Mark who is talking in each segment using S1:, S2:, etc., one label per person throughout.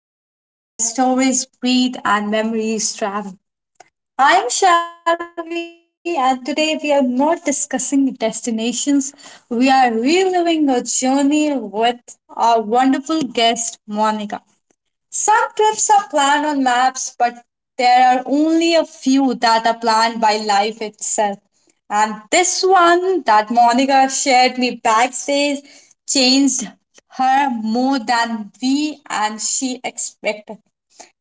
S1: episode where stories breathe and memories travel. I'm Shalvi, and today we are not discussing destinations, we are reliving a journey with our wonderful guest, Monica. Some trips are planned on maps, but there are only a few that are planned by life itself. And this one that Monica shared me backstage changed her more than we and she expected.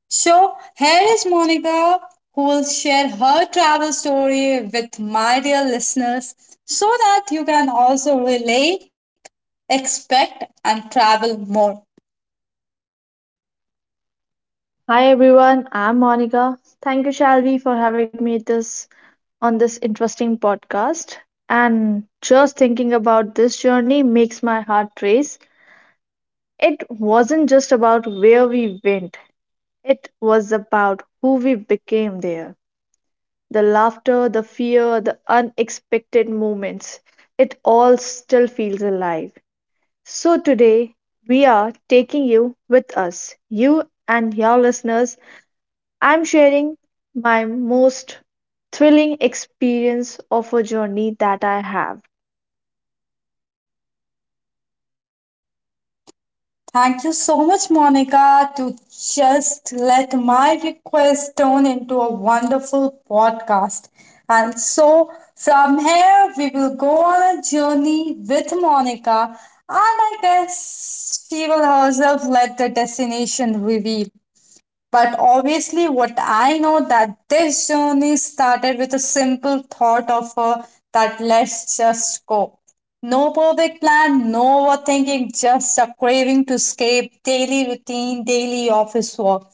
S1: So here is Monica who will share her travel story with my dear listeners so that you can also relate, expect, and travel more.
S2: Hi everyone, I'm Monica. Thank you, Shalvi, for having me this on this interesting podcast. And just thinking about this journey makes my heart race. It wasn't just about where we went, it was about who we became there. The laughter, the fear, the unexpected moments, it all still feels alive. So today, we are taking you with us, you and your listeners. I'm sharing my most thrilling experience of a journey that I have.
S1: Thank you so much, Monica, to just let my request turn into a wonderful podcast. And so from here, we will go on a journey with Monica, and I guess she will herself let the destination reveal. But obviously, what I know that this journey started with a simple thought of that let's just go. No perfect plan, no overthinking, just a craving to escape daily routine, daily office work.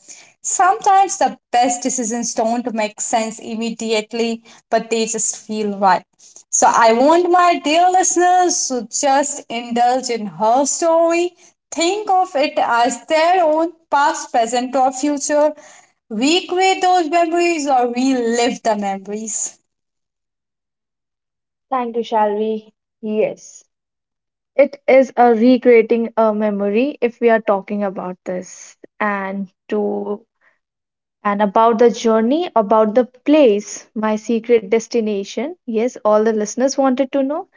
S1: Sometimes the best decisions don't make sense immediately, but they just feel right. So I want my dear listeners to just indulge in her story. Think of it as their own past, present, or future. Recreate those memories or relive the memories.
S2: Thank you, Shalvi. Yes, it is a recreating a memory if we are talking about this and about the journey, about the place, my secret destination. Yes, all the listeners wanted to know.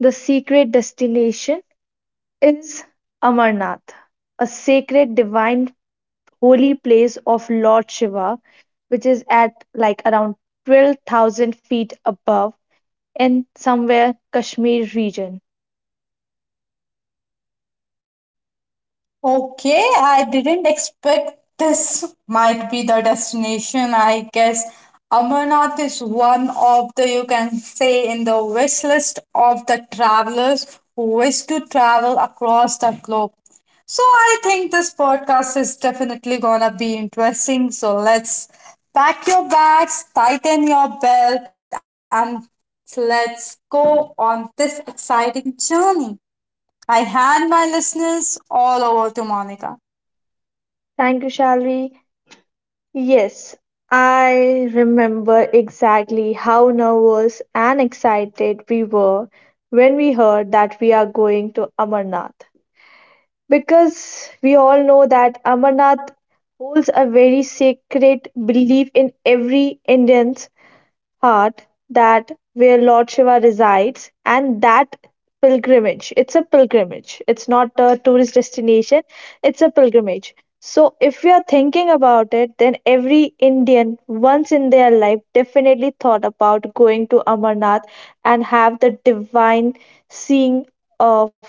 S2: The secret destination is Amarnath, a sacred divine holy place of Lord Shiva, which is at like around 12,000 feet above in somewhere Kashmir region.
S1: Okay, I didn't expect this might be the destination. I guess Amarnath is one of the, you can say, in the wish list of the travelers who wish to travel across the globe. So I think this podcast is definitely gonna be interesting. So let's pack your bags, tighten your belt, and let's go on this exciting journey. I hand my listeners all over to Monica.
S2: Thank you, Shalvi. Yes, I remember exactly how nervous and excited we were when we heard that we are going to Amarnath. Because we all know that Amarnath holds a very sacred belief in every Indians. Heart that where Lord Shiva resides and that pilgrimage. It's a pilgrimage. It's not a tourist destination. It's a pilgrimage. So if we are thinking about it, then every Indian once in their life definitely thought about going to Amarnath and have the divine seeing of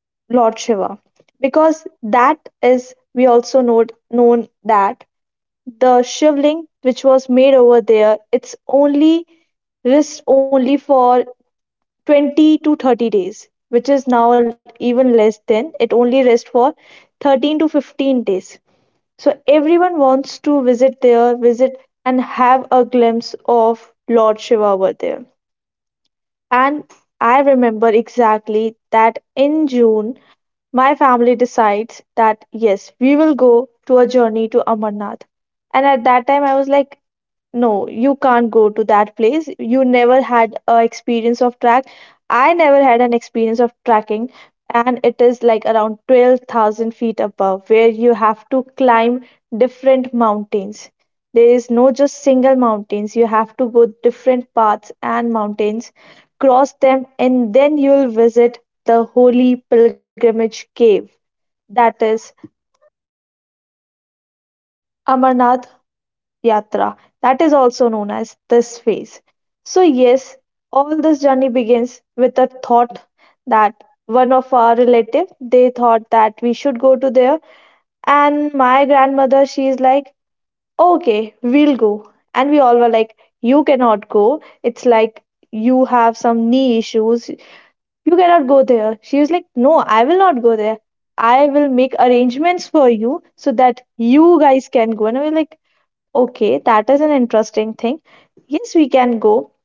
S2: Lord Shiva. Because that is we also know known that the shivling which was made over there, it's only lasts only for 20 to 30 days, which is now even less than it only rests for 13 to 15 days. So everyone wants to visit there, visit and have a glimpse of Lord Shiva over there. And I remember exactly that in June, my family decides that yes, we will go to a journey to Amarnath. And at that time, I was like, no, you can't go to that place, you never had a experience of track I never had an experience of tracking, and it is like around 12,000 feet above where you have to climb different mountains. There is no just single mountains, you have to go different paths and mountains, cross them and then you'll visit the holy pilgrimage cave, that is Amarnath Yatra, that is also known as this phase. So, yes, all this journey begins with a thought that one of our relative they thought that we should go to there, and my grandmother she is like, okay, we'll go, and we all were like, you cannot go, it's like you have some knee issues, you cannot go there. She was like, no, I will not go there, I will make arrangements for you so that you guys can go. And I was like, okay, that is an interesting thing. Yes, we can go.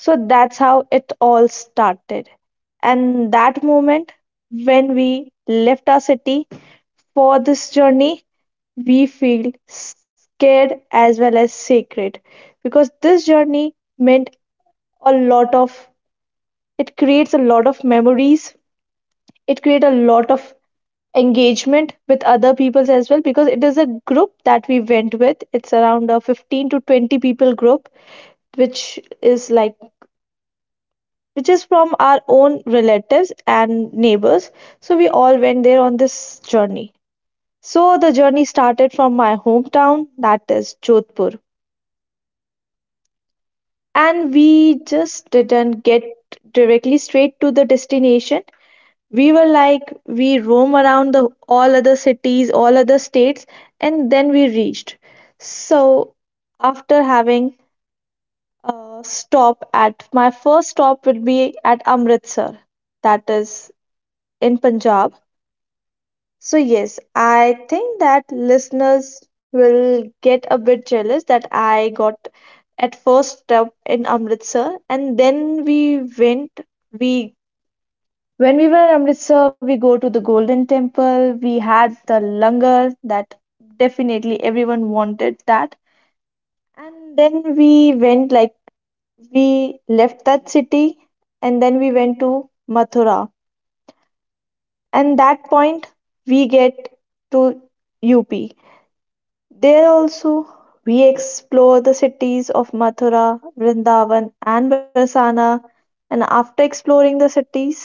S2: So that's how it all started. And that moment when we left our city for this journey, we feel scared as well as sacred because this journey meant a lot of, it creates a lot of memories, it creates a lot of engagement with other peoples as well because it is a group that we went with. It's around a 15 to 20 people group which is like which is from our own relatives and neighbors, so we all went there on this journey. So the journey started from my hometown, that is Jodhpur, and we just didn't get directly straight to the destination. We were like, we roam around the all other cities, all other states, and then we reached. So after having stop at, my first stop will be at Amritsar, that is in Punjab. So, yes, I think that listeners will get a bit jealous that I got at first stop in Amritsar, and then we went. We When we were in Amritsar, we go to the Golden Temple. We had the langar that definitely everyone wanted that. And then we went like, we left that city and then we went to Mathura. And that point we get to UP. There also we explore the cities of Mathura, Vrindavan and Barsana. And after exploring the cities,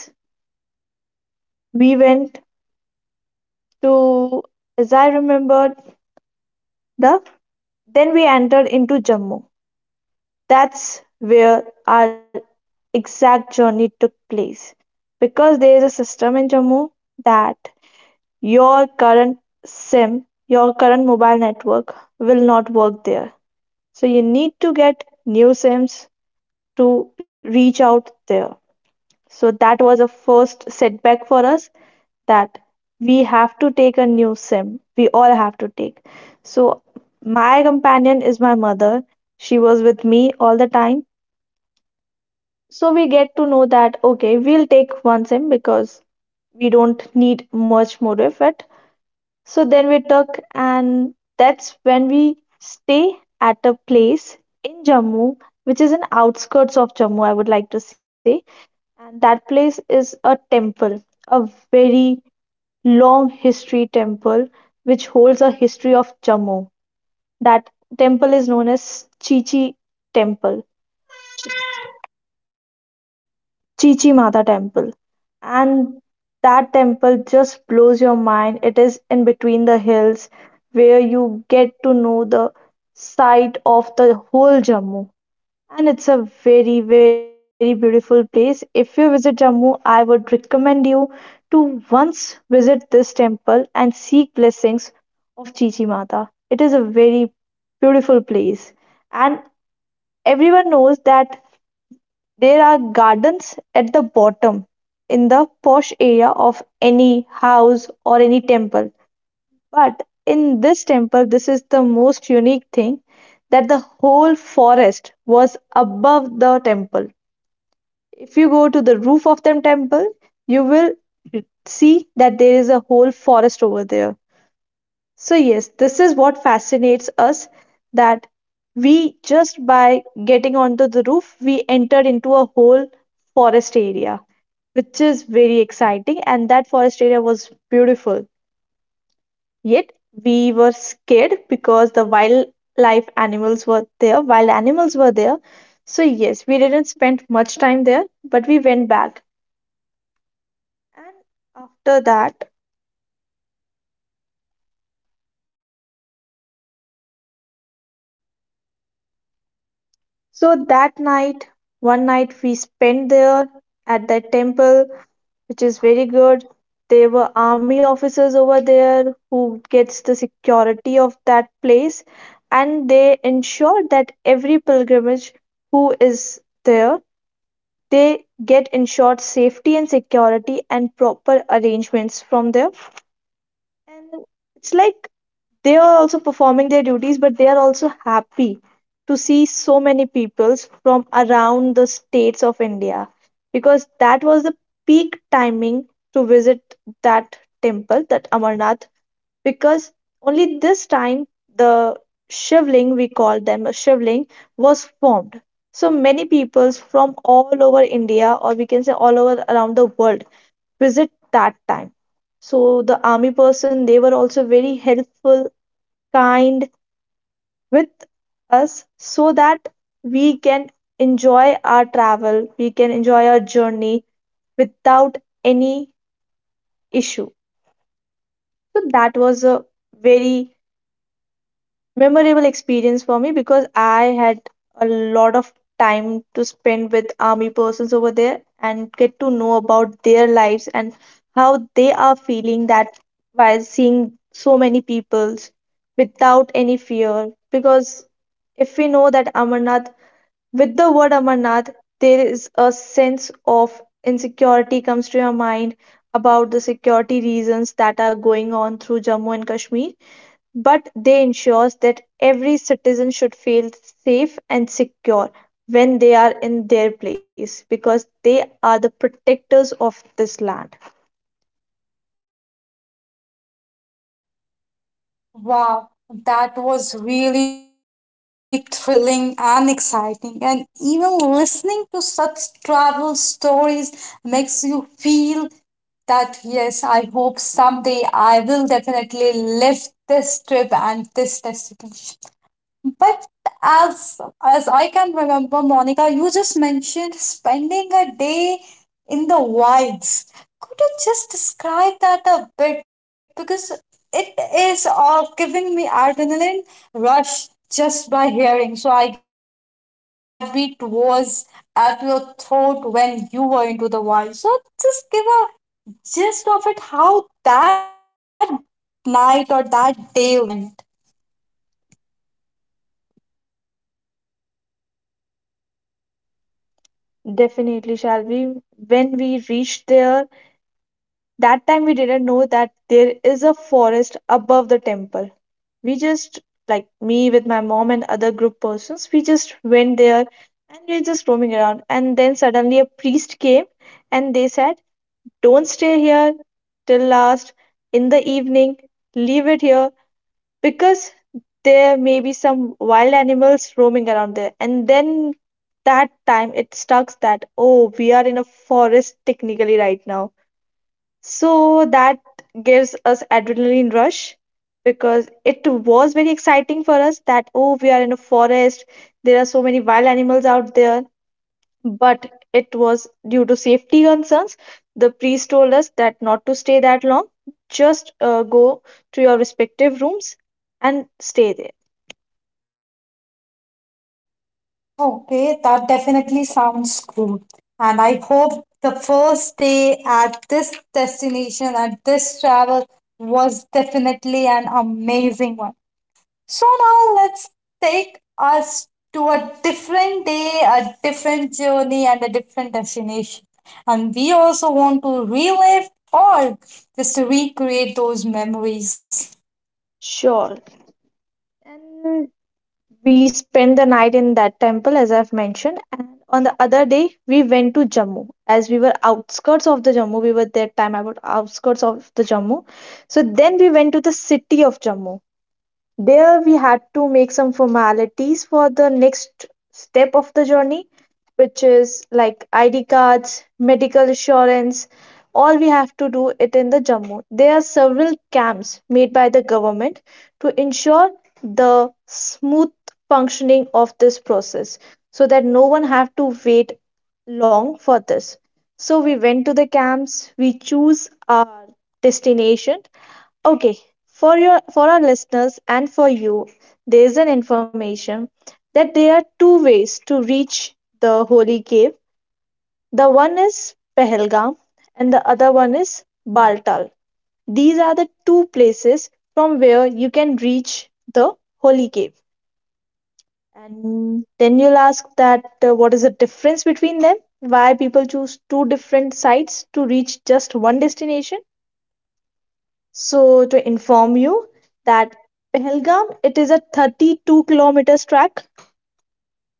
S2: we went to, as I remembered, the then we entered into Jammu. That's where our exact journey took place. Because there is a system in Jammu that your current SIM, your current mobile network will not work there. So you need to get new SIMs to reach out there. So that was a first setback for us that we have to take a new SIM. We all have to take. So my companion is my mother. She was with me all the time. So we get to know that okay, we'll take one sim because we don't need much more effort. So then we took, and that's when we stay at a place in Jammu, which is an outskirts of Jammu, I would like to say. And that place is a temple, a very long history temple, which holds a history of Jammu. That temple is known as Chichi Temple. Chichi Mata temple. And that temple just blows your mind. It is in between the hills where you get to know the sight of the whole Jammu. And it's a very, very beautiful place. If you visit Jammu, I would recommend you to once visit this temple and seek blessings of Chichi Mata. It is a very beautiful place. And everyone knows that there are gardens at the bottom in the posh area of any house or any temple. But in this temple, this is the most unique thing, that the whole forest was above the temple. If you go to the roof of the temple, you will see that there is a whole forest over there. So, yes, this is what fascinates us, that we just by getting onto the roof, we entered into a whole forest area, which is very exciting. And that forest area was beautiful. Yet we were scared because the wildlife animals were there, wild animals were there. So, yes, we didn't spend much time there, but we went back. And after that, so that night, one night we spent there at the temple, which is very good. There were army officers over there who gets the security of that place, and they ensure that every pilgrimage who is there, they get ensured safety and security and proper arrangements from there. And it's like they are also performing their duties, but they are also happy to see so many peoples from around the states of India, because that was the peak timing to visit that temple, that Amarnath, because only this time the shivling, we call them a shivling, was formed. So many peoples from all over India, or we can say all over around the world, visit that time. So the army person, they were also very helpful, kind with us, so that we can enjoy our travel, we can enjoy our journey without any issue. So that was a very memorable experience for me because I had a lot of time to spend with army persons over there and get to know about their lives and how they are feeling that while seeing so many peoples without any fear. Because if we know that Amarnath, with the word Amarnath, there is a sense of insecurity comes to your mind about the security reasons that are going on through Jammu and Kashmir. But they ensures that every citizen should feel safe and secure when they are in their place, because they are the protectors of this land.
S1: Wow, that was really thrilling and exciting. And even listening to such travel stories makes you feel that, yes, I hope someday I will definitely live this trip and this destination. But as I can remember, Monica, you just mentioned spending a day in the wilds. Could you just describe that a bit? Because it is giving me adrenaline rush just by hearing. So I guess your heartbeat was at your throat when you were into the wild. So just give a gist of it, how that night or that day went.
S2: Definitely, shall we when we reached there, that time we didn't know that there is a forest above the temple. We just, like me with my mom and other group persons, we just went there, and we were just roaming around, and then suddenly a priest came and they said, don't stay here till last in the evening. Leave it here because there may be some wild animals roaming around there. And then that time it stucks that, oh, we are in a forest technically right now. So that gives us adrenaline rush because it was very exciting for us that, oh, we are in a forest. There are so many wild animals out there, but it was due to safety concerns. The priest told us that not to stay that long, just go to your respective rooms and stay there.
S1: Okay, that definitely sounds cool. And I hope the first day at this destination, at this travel, was definitely an amazing one. So now let's take us to a different day, a different journey, and a different destination. And we also want to relive or just to recreate those memories.
S2: Sure. And we spent the night in that temple, as I've mentioned. And on the other day, we went to Jammu. As we were outskirts of the Jammu, we were that time about outskirts of the Jammu. So then we went to the city of Jammu. There we had to make some formalities for the next step of the journey, which is like ID cards, medical insurance. All we have to do it in the Jammu. There are several camps made by the government to ensure the smooth functioning of this process so that no one have to wait long for this. So we went to the camps, we choose our destination. Okay, for our listeners and for you, there's an information that there are two ways to reach the holy cave. The one is Pahalgam, and the other one is Baltal. These are the two places from where you can reach the holy cave. And then you'll ask that what is the difference between them? Why people choose two different sites to reach just one destination? So to inform you that Pahalgam, it is a 32 kilometers track.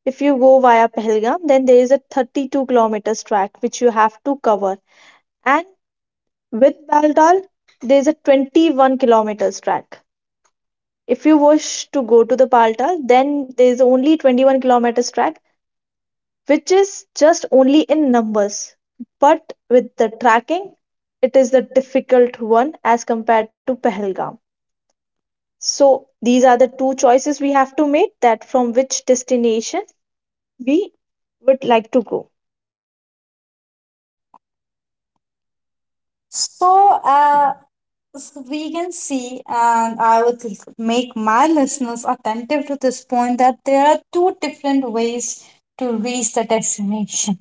S2: If you go via Pahalgam, then there is a 32 kilometers track which you have to cover. And with Baltal, there is a 21 kilometers track. If you wish to go to the Baltal, then there is only 21 kilometers track, which is just only in numbers. But with the tracking, it is the difficult one as compared to Pahalgam. So these are the two choices we have to make that from which destination we would like to go.
S1: So, uh, So we can see, and I would make my listeners attentive to this point that there are two different ways to reach the destination.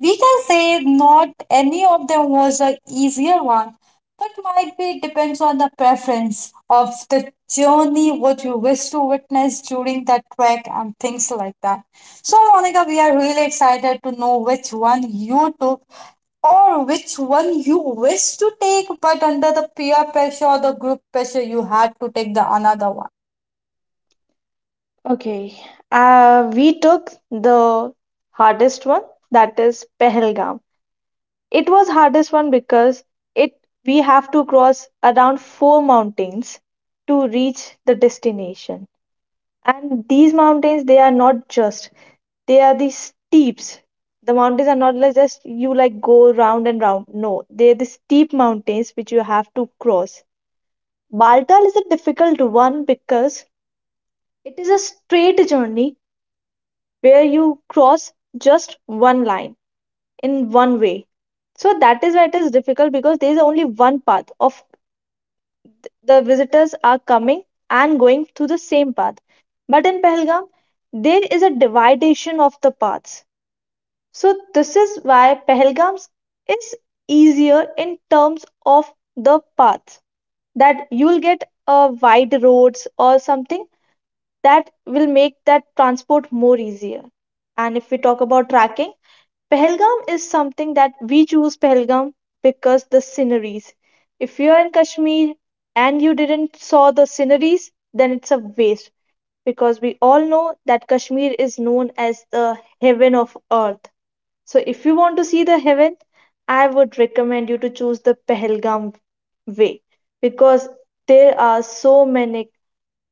S1: We can say not any of them was the easier one, but might be depends on the preference of the journey, what you wish to witness during that trek, and things like that. So, Monica, we are really excited to know which one you took or which one you wish to take, but under the peer pressure or the group pressure, you had to take the another one.
S2: Okay, we took the hardest one, that is Pahalgam. It was hardest one because it we have to cross around four mountains to reach the destination. And these mountains, they are not just, they are the steeps. The mountains are not like just you like go round and round, no, they're the steep mountains which you have to cross. Baltal is a difficult one because it is a straight journey where you cross just one line in one way. So that is why it is difficult, because there is only one path of the visitors are coming and going through the same path. But in Pahalgam, there is a dividation of the paths. So this is why Pahalgam is easier in terms of the paths, that you'll get a wide roads or something that will make that transport more easier. And if we talk about tracking, Pahalgam is something that we choose Pahalgam because the sceneries. If you are in Kashmir and you didn't saw the sceneries, then it's a waste, because we all know that Kashmir is known as the heaven of earth. So if you want to see the heaven, I would recommend you to choose the Pahalgam way, because there are so many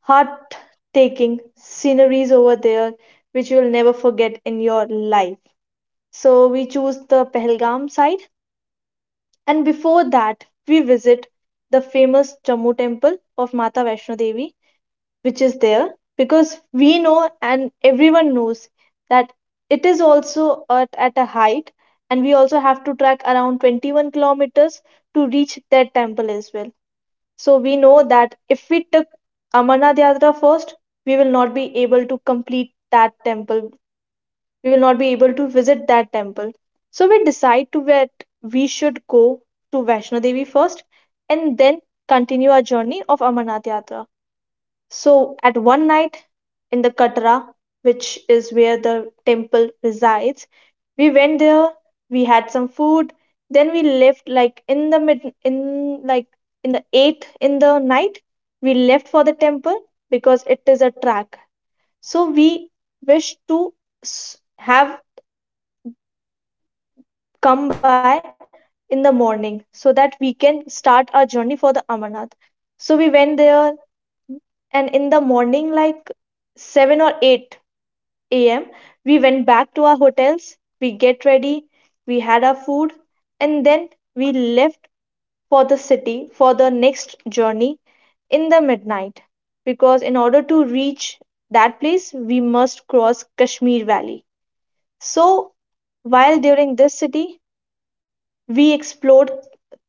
S2: heart-taking sceneries over there which you'll never forget in your life. So we choose the Pahalgam side, and before that we visit the famous Jammu temple of Mata Vaishno Devi, which is there because we know, and everyone knows, that it is also at a height, and we also have to track around 21 kilometers to reach that temple as well. So we know that if we took Amarnath Yatra first, we will not be able to complete that temple. We will not be able to visit that temple. So we decide to that we should go to Vaishno Devi first, and then continue our journey of Amarnath Yatra. So at one night in the Katra, which is where the temple resides, we went there, we had some food, then we left like in the 8 in the night. We left for the temple because it is a track. So we wish to have come by in the morning, so that we can start our journey for the Amarnath. So we went there, and in the morning like 7 or 8 a.m. we went back to our hotels, we get ready, we had our food, and then we left for the city for the next journey in the midnight, because in order to reach that place we must cross Kashmir Valley. So while during this city we explored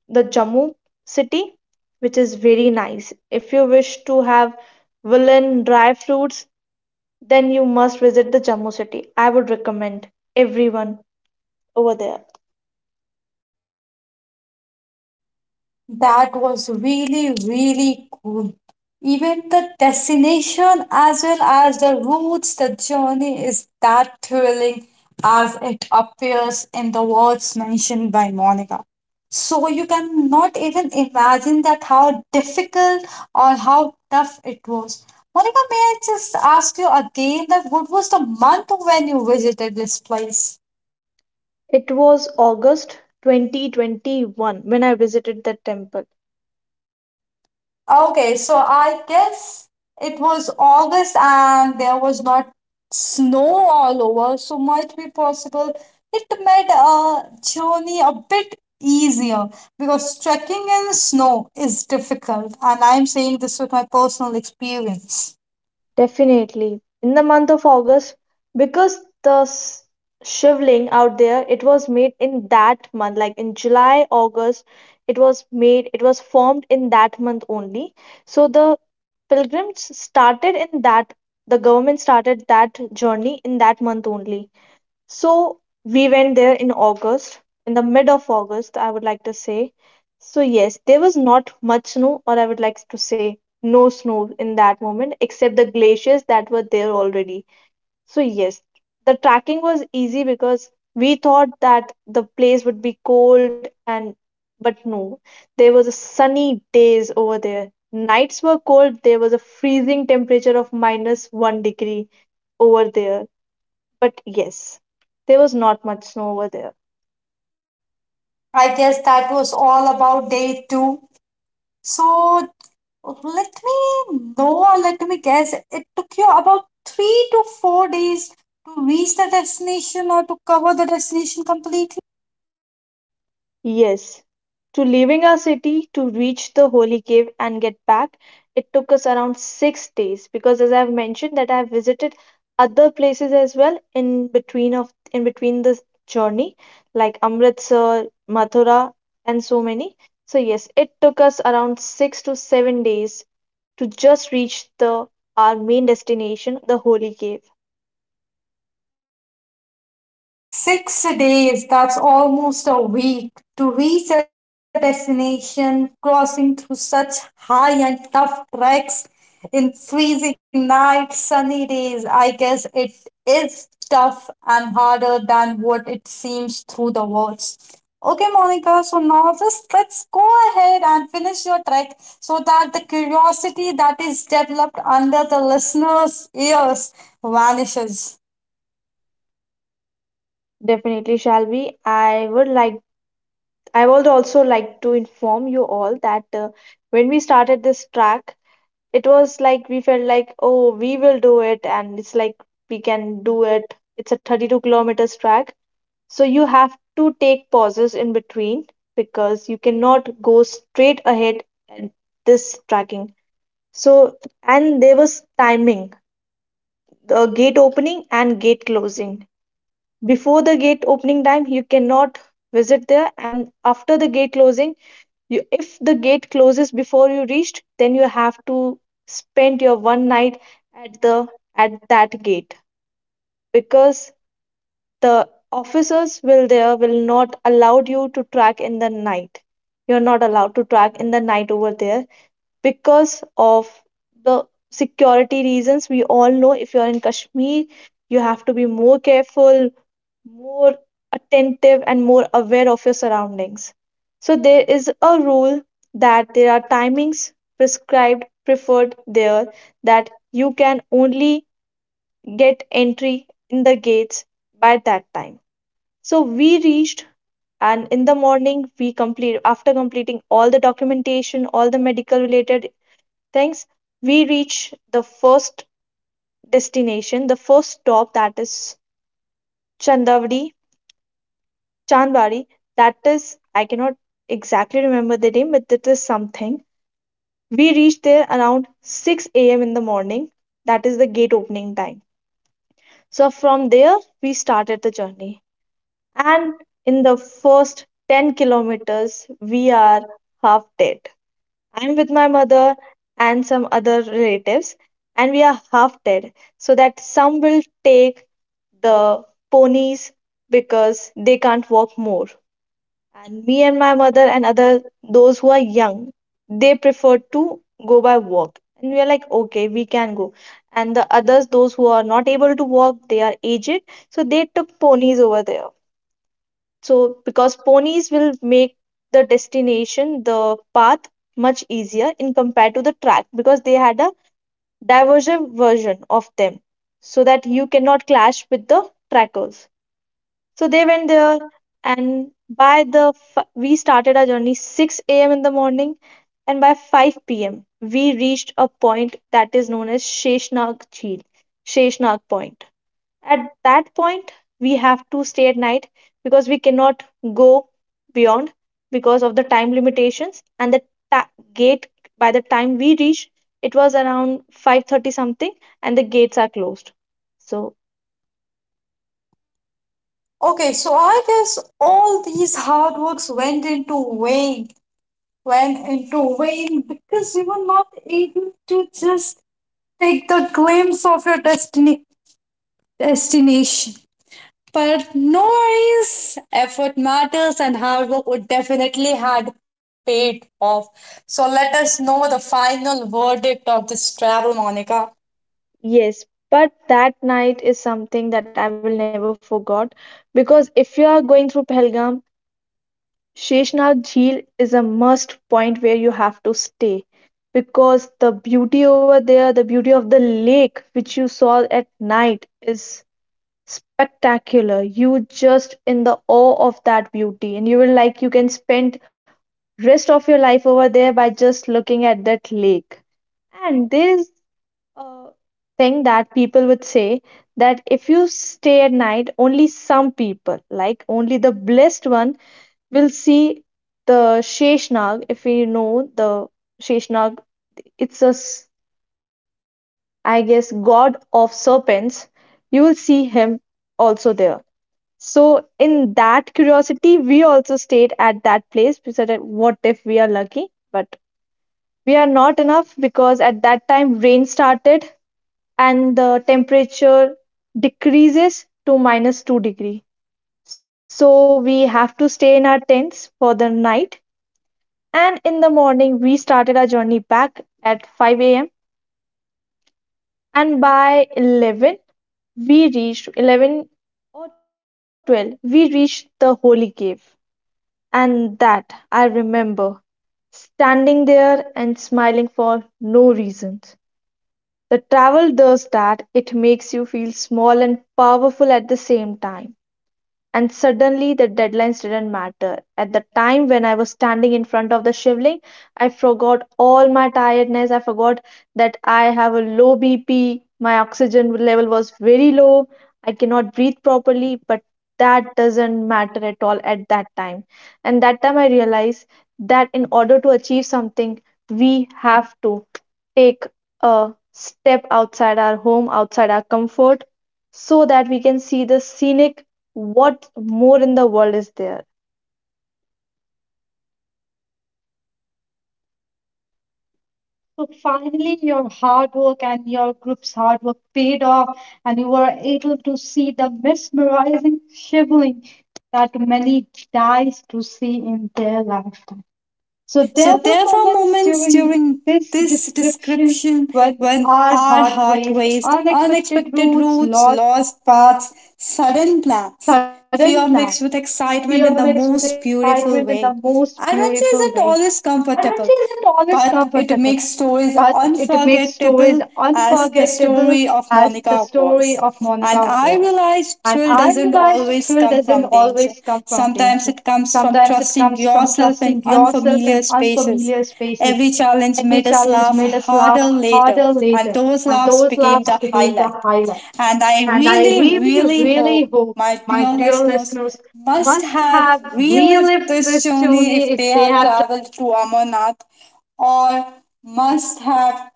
S2: the Jammu city, which is very nice. If you wish to have woolen dry fruits, then you must visit the Jammu city. I would recommend everyone over there.
S1: That was really, really cool. Even the destination, as well as the routes, the journey is that thrilling as it appears in the words mentioned by Monica. So you cannot even imagine that how difficult or how tough it was. Monica, may I just ask you again that what was the month when you visited this place?
S2: It was August 2021 when I visited the temple.
S1: Okay, so I guess it was August and there was not snow all over, so might be possible it made a journey a bit easier because trekking in snow is difficult, and I'm saying this with my personal experience.
S2: Definitely in the month of August, because the shivling out there, it was made in that month, like in July August it was made, it was formed in that month only. So the pilgrims started in that, the government started that journey in that month only. So we went there in August, in the mid of August, I would like to say. So yes, there was not much snow, or I would like to say no snow in that moment, except the glaciers that were there already. So yes, the tracking was easy because we thought that the place would be cold and but no, there was a sunny days over there. Nights were cold, there was a freezing temperature of minus one degree over there, but yes, there was not much snow over there.
S1: I guess that was all about day two. So Oh, Let me know or let me guess, it took you about 3 to 4 days to reach the destination or to cover the destination completely.
S2: Yes. To leaving our city to reach the holy cave and get back, it took us around 6 days, because as I've mentioned that I've visited other places as well in between this journey, like Amritsar, Mathura, and so many. So yes, it took us around 6 to 7 days to just reach the our main destination, the holy cave.
S1: 6 days, that's almost a week, to reach a destination, crossing through such high and tough treks in freezing nights, sunny days. I guess it is tough and harder than what it seems through the words. Okay, Monica, so now just let's go ahead and finish your trek so that the curiosity that is developed under the listener's ears vanishes.
S2: Definitely shall be. I would also like to inform you all that when we started this track, it was like we felt like, oh, we will do it, and it's like we can do it. It's a 32 kilometers track. So you have to take pauses in between, because you cannot go straight ahead at this tracking. So, and there was timing, the gate opening and gate closing. Before the gate opening time, you cannot visit there, and after the gate closing, if the gate closes before you reached, then you have to spend your one night at the at that gate, because there will not allow you to track in the night. You're not allowed to track in the night over there because of the security reasons. We all know if you are in Kashmir, you have to be more careful, more attentive, and more aware of your surroundings. So there is a rule that there are timings prescribed preferred there, that you can only get entry in the gates by that time. So we reached, and in the morning we complete, after completing all the documentation, all the medical related. Thanks. We reach the first destination, the first stop that is Chandavadi, Chandwadi. That is, I cannot exactly remember the name, but it is something. We reached there around 6 a.m. in the morning. That is the gate opening time. So from there, we started the journey. And in the first 10 kilometers, we are half dead. I'm with my mother and some other relatives, and we are half dead. So that some will take the ponies because they can't walk more. And me and my mother and other, those who are young, they prefer to go by walk. And we are like, okay, we can go. And the others, those who are not able to walk, they are aged, so they took ponies over there. So, because ponies will make the destination, the path much easier in compared to the track, because they had a divergent version of them so that you cannot clash with the trackers. So they went there, and by the we started our journey 6 a.m. in the morning, and by 5 p.m. we reached a point that is known as Sheshnag Jheel, Sheshnag Point. At that point, we have to stay at night, because we cannot go beyond because of the time limitations and the gate. By the time we reached, it was around 5:30 something, and the gates are closed. So,
S1: Okay, so I guess all these hard works vain, went into vain because you were not able to just take the glimpse of your destiny destination. But no worries, effort matters, and hard work would definitely had paid off. So let us know the final verdict of this travel, Monica.
S2: yes, but that night is something that I will never forgot, because if you are going through Pahalgam, Sheshnag Jheel is a must point where you have to stay, because the beauty over there, the beauty of the lake which you saw at night is spectacular. You just in the awe of that beauty, and you will like you can spend rest of your life over there by just looking at that lake. And there is a thing that people would say, that if you stay at night, only some people, like only the blessed one we'll see the Sheshnag, if we know the Sheshnag, it's a, I guess, god of serpents. You will see him also there. So, in that curiosity, we also stayed at that place. We what if we are lucky? But we are not enough, because at that time rain started, and the temperature decreases to minus 2 degree. So, we have to stay in our tents for the night. And in the morning, we started our journey back at 5 a.m. And by 11, we reached 11 or 12, we reached the holy cave. And that I remember, standing there and smiling for no reason. The travel does that, it makes you feel small and powerful at the same time. And suddenly the deadlines didn't matter. At the time when I was standing in front of the shivling, I forgot all my tiredness. I forgot that I have a low BP, my oxygen level was very low, I cannot breathe properly, but that doesn't matter at all at that time. And that time I realized that in order to achieve something, we have to take a step outside our home, outside our comfort, so that we can see the scenic, what more in the world is there? So
S1: So
S2: finally,
S1: finally, your
S2: your
S1: hard
S2: hard
S1: work
S2: work and
S1: and
S2: your
S1: your group's
S2: group's hard
S1: hard
S2: work
S1: work
S2: paid
S1: paid off,
S2: off, and
S1: and
S2: you
S1: you were
S2: were able
S1: able
S2: to
S1: to
S2: see
S1: see
S2: the
S1: the
S2: mesmerizing
S1: mesmerizing shivering
S2: shivering that
S1: that
S2: many
S1: many dies
S2: dies to
S1: to
S2: see
S1: see
S2: in
S1: in
S2: their
S1: their
S2: lifetime.
S1: lifetime.
S2: So
S1: So
S2: there
S1: there
S2: were
S1: were
S2: moments
S1: moments
S2: during
S1: during
S2: this
S1: this
S2: description
S1: description
S2: when
S1: when
S2: our
S1: our
S2: heart
S1: heart
S2: raced,
S1: raced,
S2: unexpected
S1: unexpected
S2: routes,
S1: routes,
S2: lost
S1: lost
S2: paths,
S1: paths, sudden
S2: sudden plans,
S1: plans, fear
S2: fear
S1: mixed
S2: mixed
S1: with
S2: with excitement
S1: excitement
S2: in
S1: in
S2: the
S1: the
S2: most
S1: most
S2: beautiful
S1: beautiful
S2: way.
S1: way.
S2: Adventure
S1: Adventure
S2: isn't
S1: isn't
S2: always
S1: always
S2: comfortable,
S1: comfortable, but
S2: but
S1: it
S2: it
S1: makes
S2: makes stories
S1: stories
S2: unforgettable
S1: unforgettable
S2: as
S1: as
S2: the
S1: the
S2: story
S1: story
S2: of
S1: of Monica
S2: Monica was.
S1: was.
S2: And
S1: And
S2: I
S1: I
S2: realized
S1: realized
S2: thrill
S1: thrill doesn't
S2: doesn't always
S1: always
S2: come
S1: come
S2: from
S1: from danger.
S2: danger. Sometimes
S1: Sometimes
S2: it
S1: it
S2: comes
S1: comes from
S2: from trusting
S1: trusting
S2: yourself
S1: yourself in
S2: in
S1: unfamiliar
S2: unfamiliar spaces.
S1: spaces. Every
S2: Every
S1: challenge
S2: challenge
S1: made
S2: made us
S1: us
S2: laugh
S1: laugh harder
S2: harder
S1: later,
S2: later, and
S1: and
S2: those
S1: those laughs
S2: laughs became
S1: became
S2: the
S1: the
S2: highlight.
S1: highlight. And
S2: And I
S1: I
S2: really,
S1: really, really
S2: really hope
S1: hope my
S2: my dear
S1: dear
S2: listeners
S1: listeners must
S2: must have
S1: have relived
S2: relived this
S1: this
S2: journey
S1: journey
S2: if
S1: if they
S2: they
S1: have
S2: have
S1: traveled to Amarnath or must have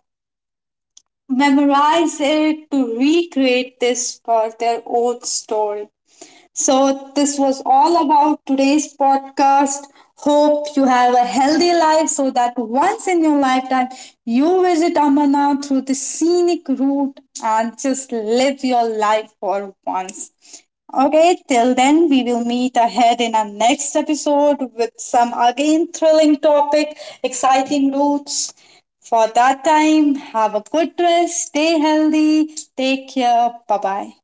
S1: memorized it to recreate this for their own story. So, this was all about today's podcast. Hope you have a healthy life so that once in your lifetime you visit Amarnath through the scenic route and just live your life for once. Okay, till then, we will meet ahead in our next episode with some again thrilling topic, exciting routes. For that time, have a good rest, stay healthy, take care, bye bye.